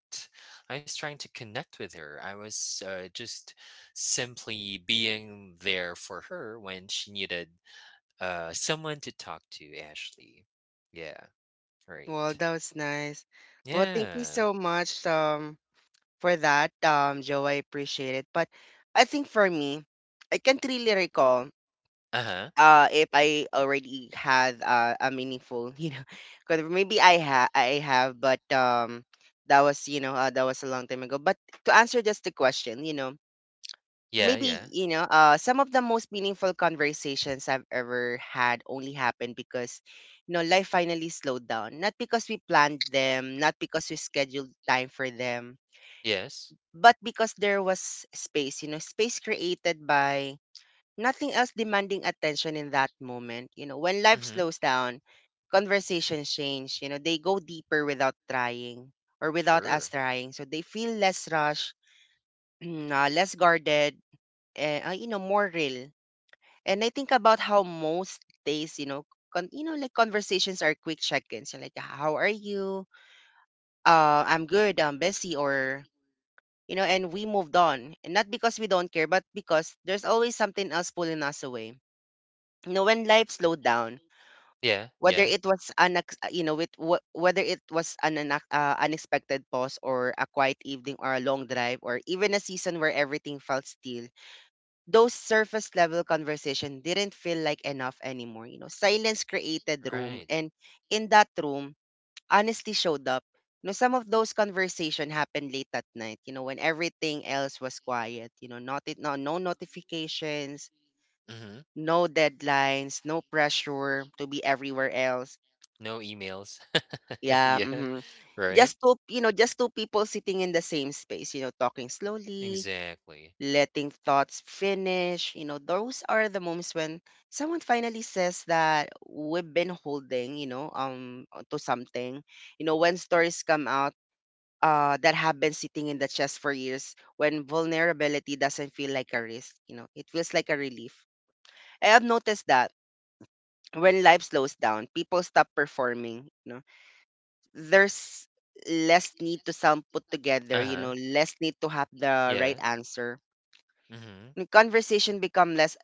S2: I was trying to connect with her. I was just simply being there for her when she needed someone to talk to. Ashley, yeah, right,
S1: Well, that was nice. Well, thank you
S2: yeah,
S1: so much for that, Joe. I appreciate it. But I think for me, I can't really recall
S2: uh huh,
S1: if I already had a meaningful, you know, because maybe I have, but that was, you know, that was a long time ago. But to answer just the question, you know,
S2: yeah,
S1: maybe,
S2: yeah,
S1: you know, some of the most meaningful conversations I've ever had only happened because, you know, life finally slowed down, not because we planned them, not because we scheduled time for them,
S2: yes.
S1: but because there was space, you know, space created by nothing else demanding attention in that moment. You know, when life
S2: Mhm.
S1: slows down, conversations change. You know, they go deeper without trying, or without us
S2: Sure.
S1: trying, so they feel less rushed, less guarded, you know, more real. And I think about how most days, you know, you know, like, conversations are quick check-ins. You're like, how are you? I'm good. I'm busy, or you know, and we moved on. And not because we don't care, but because there's always something else pulling us away. You know, when life slowed down,
S2: Yeah,
S1: whether
S2: yeah.
S1: it was an, you know, with wh- whether it was an unac- unexpected pause or a quiet evening or a long drive or even a season where everything felt still, those surface level conversation didn't feel like enough anymore. You know, silence created room,
S2: Right.
S1: and in that room, honesty showed up. You know, some of those conversation happened late at night. You know, when everything else was quiet. You know, not it no notifications,
S2: Mhm.
S1: no deadlines, no pressure to be everywhere else.
S2: No emails.
S1: Yeah,
S2: Yeah,
S1: mm-hmm.
S2: right?
S1: Just two you know just two people sitting in the same space. You know, talking slowly,
S2: Exactly.
S1: letting thoughts finish. You know, those are the moments when someone finally says that we've been holding, you know, to something. You know, when stories come out that have been sitting in the chest for years, when vulnerability doesn't feel like a risk, you know, it feels like a relief. I have noticed that when life slows down, people stop performing, you know. There's less need to sound put together, you know,
S2: Uh-huh.
S1: less need to have the
S2: Yeah.
S1: right answer.
S2: Mhm.
S1: The conversation become less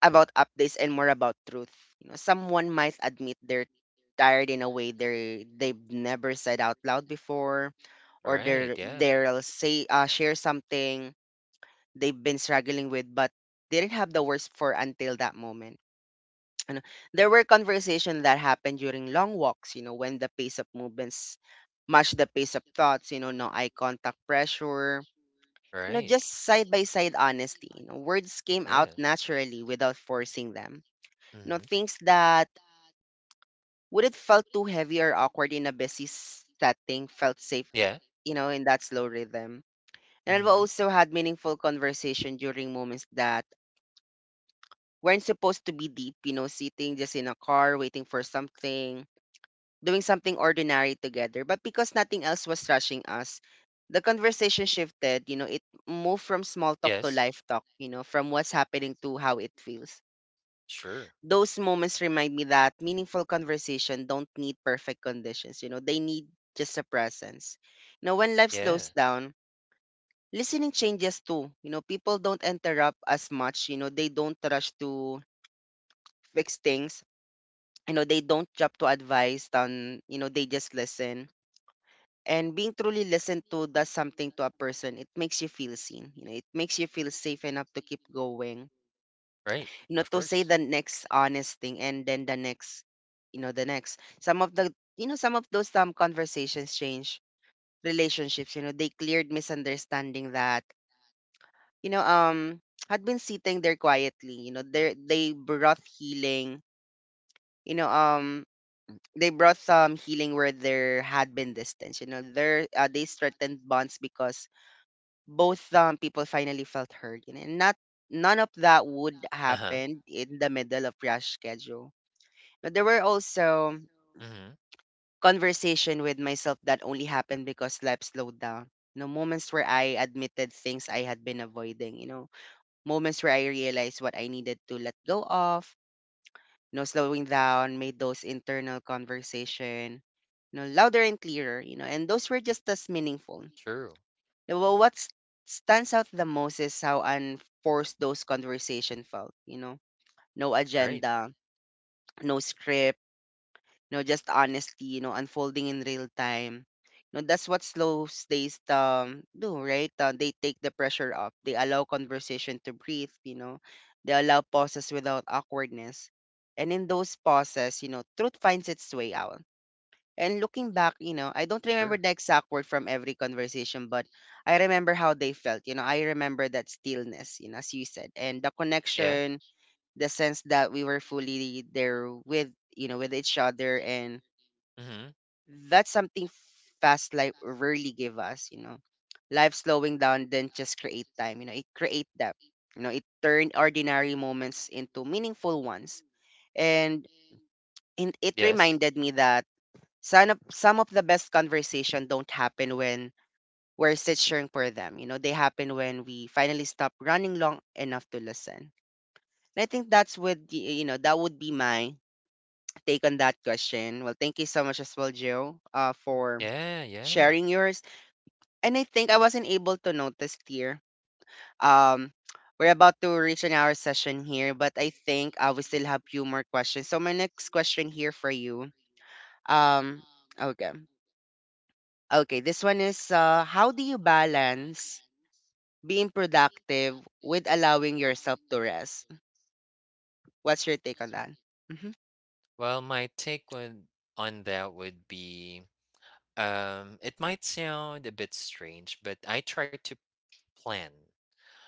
S1: about updates and more about truth. You know, someone might admit they're tired in a way they've never said out loud before, or
S2: Right,
S1: they're
S2: yeah.
S1: they'll say, share something they've been struggling with but didn't have the words for until that moment. You know, there were conversations that happened during long walks, you know, when the pace of movements matched the pace of thoughts, you know, no eye contact pressure, you know,
S2: Right.
S1: just side by side honesty. You know, words came out
S2: Yeah.
S1: naturally without forcing them. No,
S2: Mhm.
S1: things that would it felt too heavy or awkward in a busy setting felt safe,
S2: Yeah.
S1: you know, in that slow rhythm. And I've
S2: Mhm.
S1: also had meaningful conversation during moments that weren't supposed to be deep, you know, sitting just in a car, waiting for something, doing something ordinary together. But because nothing else was rushing us, the conversation shifted. You know, it moved from small talk to
S2: Yes.
S1: life talk, you know, from what's happening to how it feels.
S2: Sure.
S1: Those moments remind me that meaningful conversation don't need perfect conditions. You know, they need just a presence. You know, when life slows
S2: Yeah.
S1: down, listening changes too. You know, people don't interrupt as much. You know, they don't rush to fix things. You know, they don't jump to advice. On, you know, they just listen. And being truly listened to does something to a person. It makes you feel seen. You know, it makes you feel safe enough to keep going,
S2: Right. Of
S1: to say
S2: course.
S1: the next honest thing and then the next you know the next some of the you know some of those conversations change relationships. You know, they cleared misunderstanding that you know um had been sitting there quietly. They brought healing. you know um they brought some healing where there had been distance. You know there They strengthened bonds because both people finally felt heard, and not, none of that would
S2: Uh-huh.
S1: happen in the middle of rush schedule. But there were also
S2: Mhm.
S1: conversation with myself that only happened because life slowed down. You know, moments where I admitted things I had been avoiding, you know, moments where I realized what I needed to let go of, you know, slowing down made those internal conversation, you know, louder and clearer, you know, and those were just as meaningful.
S2: True.
S1: Well, stands out the most is how unforced those conversation felt, you know, no
S2: Right.
S1: agenda, no script, just honesty, you know, unfolding in real time. You know, that's what slow stays do, right? They take the pressure off. They allow conversation to breathe, you know. They allow pauses without awkwardness. And in those pauses, you know, truth finds its way out. And looking back, you know, I don't remember
S2: Sure.
S1: the exact word from every conversation, but I remember how they felt. You know, I remember that stillness, you know, as you said, and the
S2: Yeah.
S1: connection, the sense that we were fully there with, you know, with each other. And
S2: Mhm.
S1: that's something fast life rarely give us, life slowing down then just create time. You know, it create depth, it turned ordinary moments into meaningful ones. And it
S2: Yes.
S1: reminded me that some of the best conversation don't happen when we're searching for them. You know, they happen when we finally stop running long enough to listen. And I think you know, that would be my take on that question. Well, thank you so much as well, Joe, for
S2: Yeah, yeah.
S1: sharing yours. And I think I wasn't able to notice here. Um, we're about to reach an hour session here, but I think we still have few more questions. So my next question here for you. Um, okay, okay. This one is, how do you balance being productive with allowing yourself to rest? What's your take on that? Mm-hmm.
S2: Well, my take would on that would be, um, it might sound a bit strange, but I try to plan.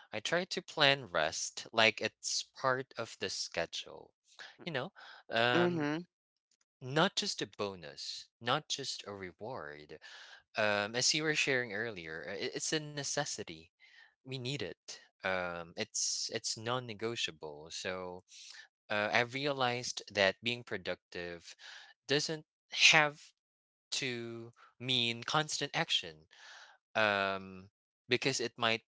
S2: I try to plan rest like it's part of the schedule. You know, um,
S1: Mm-hmm.
S2: not just a bonus, not just a reward. As you were sharing earlier, it's a necessity. We need it. It's non-negotiable. So I realized that being productive doesn't have to mean constant action, um, because it might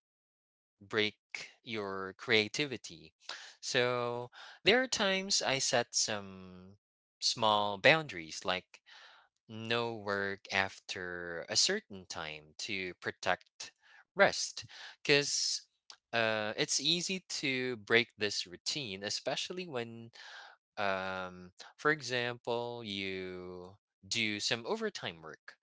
S2: break your creativity. So there are times I set some small boundaries, like no work after a certain time to protect rest, because it's easy to break this routine, especially when, um, for example, you do some overtime work,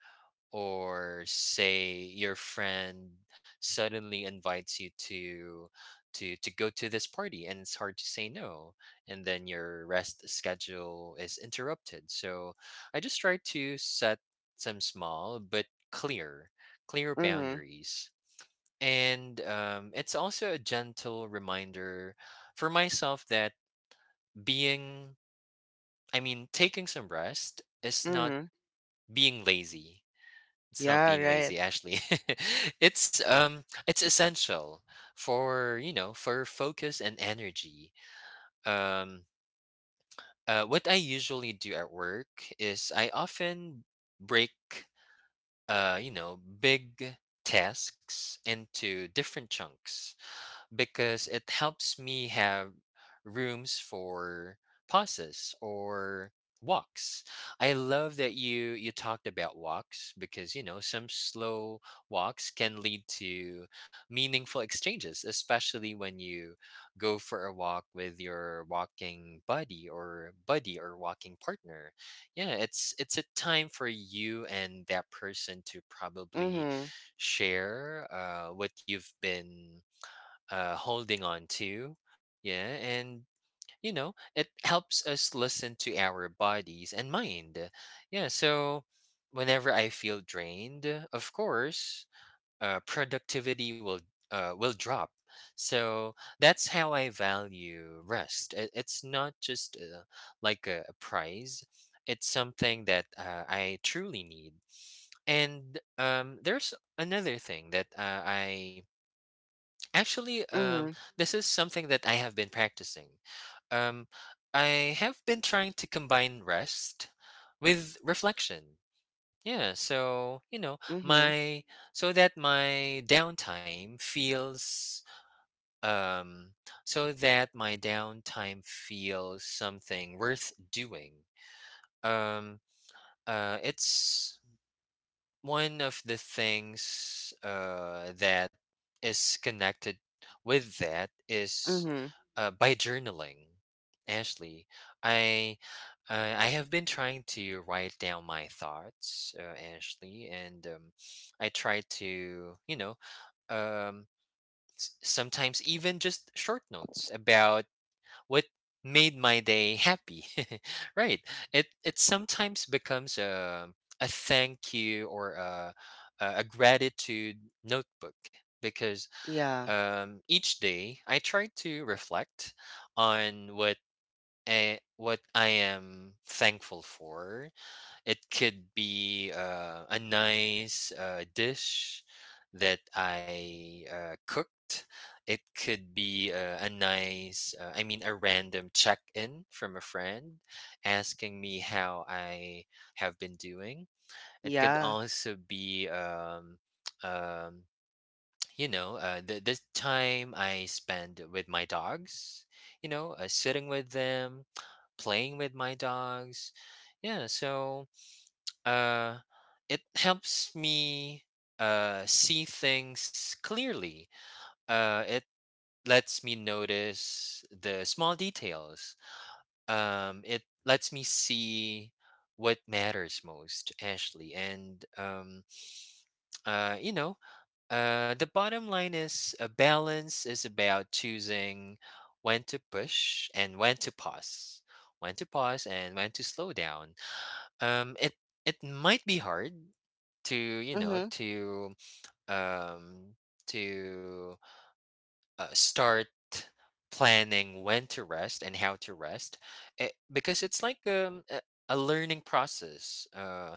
S2: or say your friend suddenly invites you to to go to this party and it's hard to say no, and then your rest schedule is interrupted. So I just try to set some small but clear clear
S1: Mm-hmm.
S2: boundaries, and it's also a gentle reminder for myself that being, I mean, taking some rest is not
S1: Mm-hmm.
S2: being lazy. It's not
S1: Yeah.
S2: being
S1: Right.
S2: lazy, actually. It's essential for, you know, for focus and energy. Um what I usually do at work is I often break you know, big tasks into different chunks, because it helps me have rooms for pauses or walks. I love that you talked about walks, because you know some slow walks can lead to meaningful exchanges, especially when you go for a walk with your walking buddy or walking partner. Yeah, it's a time for you and that person to probably
S1: Mm-hmm.
S2: share what you've been holding on to. Yeah, and you know, it helps us listen to our bodies and mind. Yeah, so whenever I feel drained, of course, productivity will drop. So that's how I value rest. It, it's not just like a prize. It's something that I truly need. And there's another thing that Actually, um,
S1: Mm-hmm.
S2: this is something that I have been practicing. Um, I have been trying to combine rest with reflection. Yeah, so you know,
S1: Mm-hmm.
S2: my so that my downtime feels um something worth doing. Um it's one of the things that is connected with that is
S1: Mm-hmm.
S2: by journaling. Ashley, I I have been trying to write down my thoughts, Ashley, and I try to, you know, um, sometimes even just short notes about what made my day happy. Right. It sometimes becomes a thank you or a gratitude notebook, because
S1: Yeah.
S2: each day I try to reflect on what I am thankful for. It could be a nice dish that I cooked. It could be a nice, I mean, a random check in from a friend asking me how I have been doing. It could
S1: Yeah.
S2: also be, um, you know, the time I spend with my dogs, you know, sitting with them, playing with my dogs. Yeah, so uh, it helps me see things clearly. It lets me notice the small details. It lets me see what matters most, Ashley. And, you know, the bottom line is a balance is about choosing when to push and when to pause. When to pause and when to slow down. It it might be hard to, you know,
S1: Mm-hmm.
S2: to um to start planning when to rest and how to rest it, because it's like a learning process. uh,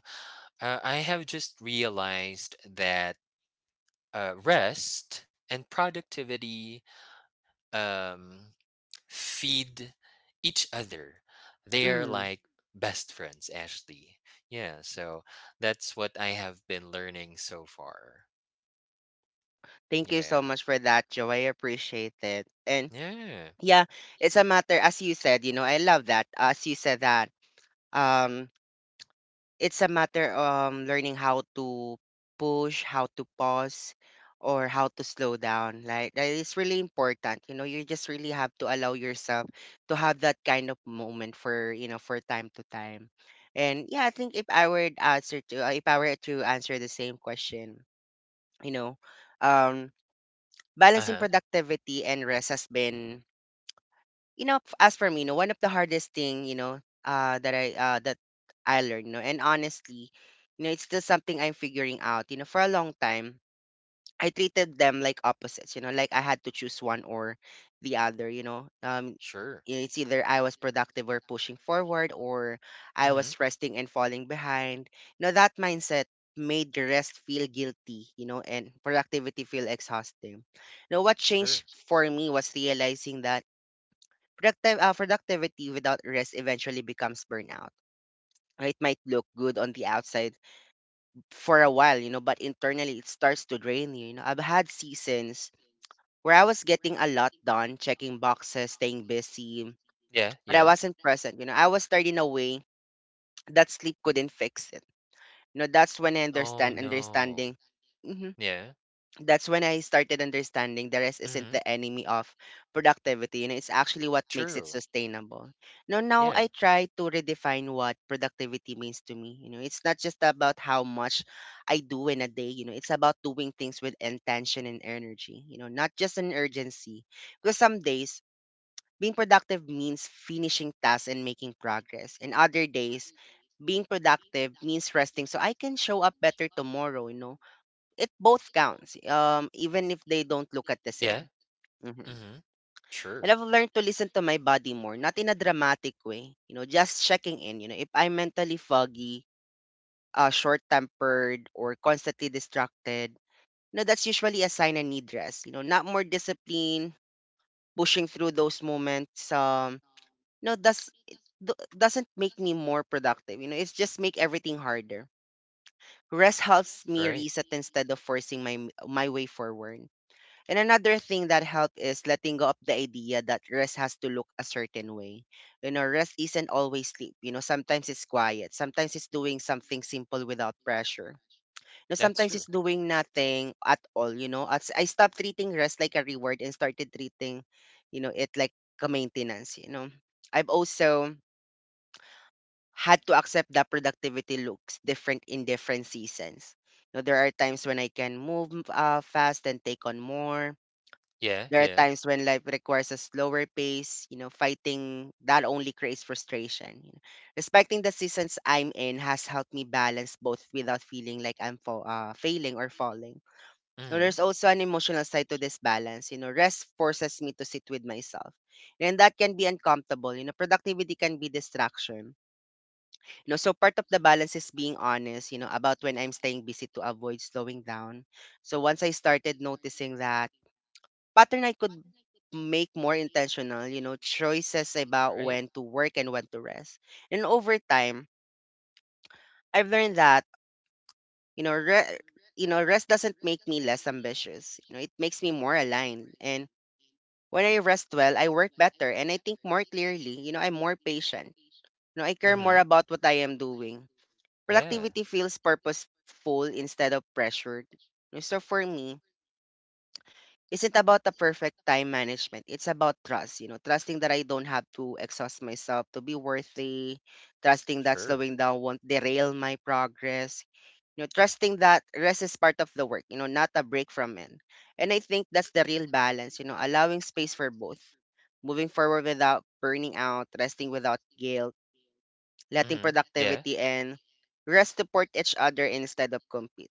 S2: uh, I have just realized that rest and productivity um, feed each other. They are
S1: Mm-hmm.
S2: like best friends, actually. Yeah, so that's what I have been learning so far.
S1: Thank you
S2: Yeah.
S1: so much for that, Joe. I appreciate it. And
S2: Yeah.
S1: yeah, it's a matter, as you said, you know, I love that. As you said that, um, it's a matter learning how to push, how to pause, or how to slow down. Like that is really important. You know, you just really have to allow yourself to have that kind of moment for, you know, for time to time. And yeah, I think if I were to answer to if I were to answer the same question, you know, um balancing
S2: Uh-huh.
S1: productivity and rest has been, you know, as for me, you know, one of the hardest thing, you know, that I learned, you know, and honestly, you know, it's still something I'm figuring out. You know, for a long time, I treated them like opposites, you know, like I had to choose one or the other, you know.
S2: Sure.
S1: Yeah, it's either I was productive or pushing forward, or I
S2: Mhm.
S1: was resting and falling behind. You know, that mindset made the rest feel guilty, you know, and productivity feel exhausting. Now what
S2: Sure.
S1: changed for me was realizing that productive productivity without rest eventually becomes burnout. It might look good on the outside for a while, you know, but internally it starts to drain you. You know, I've had seasons where I was getting a lot done, checking boxes, staying busy,
S2: Yeah,
S1: but I
S2: yeah.
S1: wasn't present. You know, I was turning away that sleep couldn't fix it. You know, that's when I
S2: Oh,
S1: understand
S2: no.
S1: understanding. Hmm.
S2: Yeah.
S1: That's when I started understanding the rest isn't
S2: Mhm.
S1: the enemy of productivity. You know, it's actually what makes it
S2: True.
S1: sustainable. No, now
S2: Yeah.
S1: I try to redefine what productivity means to me. You know, it's not just about how much I do in a day. You know, it's about doing things with intention and energy. You know, not just an urgency, because some days being productive means finishing tasks and making progress. And other days, being productive means resting so I can show up better tomorrow, you know. It both counts, even if they don't look at the
S2: Yeah.
S1: same. Mhm.
S2: Mhm.
S1: And
S2: Sure.
S1: I've learned to listen to my body more, not in a dramatic way, you know, just checking in. You know, if I'm mentally foggy, short tempered, or constantly distracted, you know, that's usually a sign I need rest. You know, not more discipline, pushing through those moments. No, does it doesn't make me more productive. You know, it's just make everything harder. Rest helps me
S2: Right.
S1: reset instead of forcing my way forward. And another thing that helped is letting go of the idea that rest has to look a certain way. You know, rest isn't always sleep. You know, sometimes it's quiet, sometimes it's doing something simple without pressure, you know,
S2: That's
S1: sometimes
S2: true.
S1: it's doing nothing at all. You know, as I stopped treating rest like a reward and started treating, it like a maintenance, you know. I've also had to accept that productivity looks different in different seasons. You know, there are times when I can move fast and take on more.
S2: Yeah,
S1: There are
S2: yeah.
S1: times when life requires a slower pace. You know, fighting that only creates frustration, you know. Respecting the seasons I'm in has helped me balance both without feeling like failing or falling. Now,
S2: Mhm.
S1: there's also an emotional side to this balance. You know, rest forces me to sit with myself, and that can be uncomfortable. You know, productivity can be distraction, no, so part of the balance is being honest, you know, about when I'm staying busy to avoid slowing down. So once
S2: Mhm.
S1: I started noticing that pattern, I could make more intentional, you know, choices about
S2: Right.
S1: when to work and when to rest. And over time, I've learned that, you know, re- you know, rest doesn't make me less ambitious. You know, it makes me more aligned. And when I rest well, I work better and I think more clearly. You know, I'm more patient. You know, I care more
S2: Mhm.
S1: about what I am doing.
S2: Yeah.
S1: Productivity feels purposeful instead of pressured. You know, so for me, isn't about the perfect time management. It's about trust, you know, trusting that I don't have to exhaust myself to be worthy, trusting that
S2: Sure.
S1: slowing down won't derail my progress, you know, trusting that rest is part of the work, you know, not a break from it. And I think that's the real balance, you know, allowing space for both. Moving forward without burning out, resting without guilt, letting
S2: Mhm. Yeah. Of
S1: productivity and rest support each other instead of compete,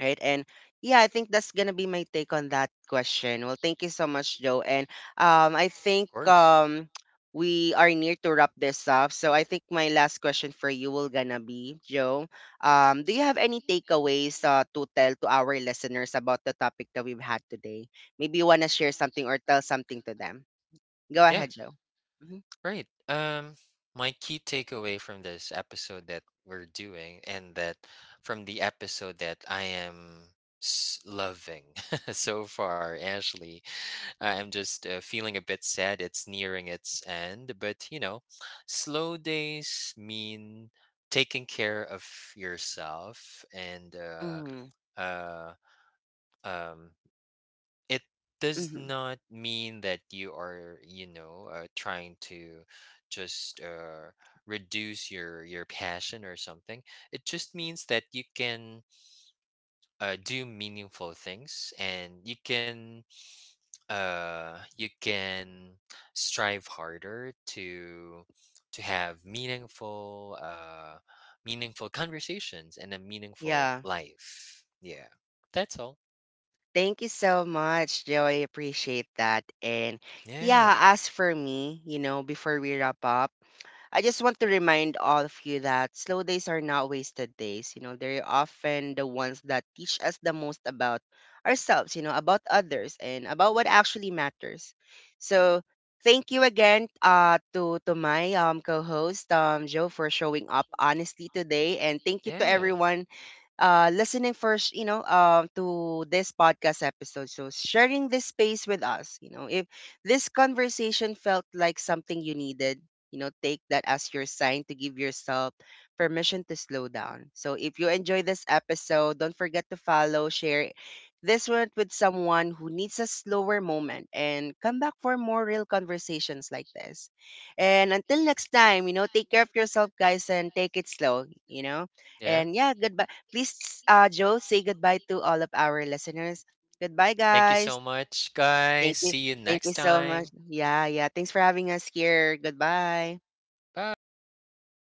S1: right? And yeah, I think that's gonna be my take on that question. Well, thank you so much, Joe. And I think
S2: course.
S1: we are near to wrap this up. So I think my last question for you will gonna be, Joe. Do you have any takeaways to tell to our listeners about the topic that we've had today? Maybe you wanna share something or tell something to them. Go
S2: Yeah.
S1: ahead, Joe. Mm-hmm.
S2: Right. My key takeaway from this episode that we're doing, and that from the episode that I am loving so far, Ashley, I'm just feeling a bit sad it's nearing its end, but you know, slow days mean taking care of yourself, and uh um it does
S1: Mm-hmm.
S2: not mean that you are, you know, trying to just reduce your passion or something. It just means that you can do meaningful things, and you can strive harder to have meaningful meaningful conversations and a meaningful
S1: Yeah.
S2: life. Yeah, that's all.
S1: Thank you so much, Joey. Appreciate that. And yeah,
S2: Yeah,
S1: as for me, you know, before we wrap up, I just want to remind all of you that slow days are not wasted days. You know, they're often the ones that teach us the most about ourselves, you know, about others and about what actually matters. So thank you again to my co host, Joe, for showing up honestly today. And thank you to
S2: yeah,
S1: everyone listening first, you know, to this podcast episode. So sharing this space with us, you know, if this conversation felt like something you needed, you know, take that as your sign to give yourself permission to slow down. So if you enjoy this episode, don't forget to follow, share this one with someone who needs a slower moment and come back for more real conversations like this. And until next time, you know, take care of yourself guys, and take it slow, you know.
S2: yeah,
S1: And yeah, goodbye. Please, Joe, say goodbye to all of our listeners. Goodbye,
S2: thank you so
S1: guys.
S2: much, guys.
S1: Thank
S2: See
S1: you.
S2: you
S1: Thank
S2: next
S1: you so
S2: time.
S1: much. Yeah, yeah. Thanks for having us here. Goodbye.
S2: Bye.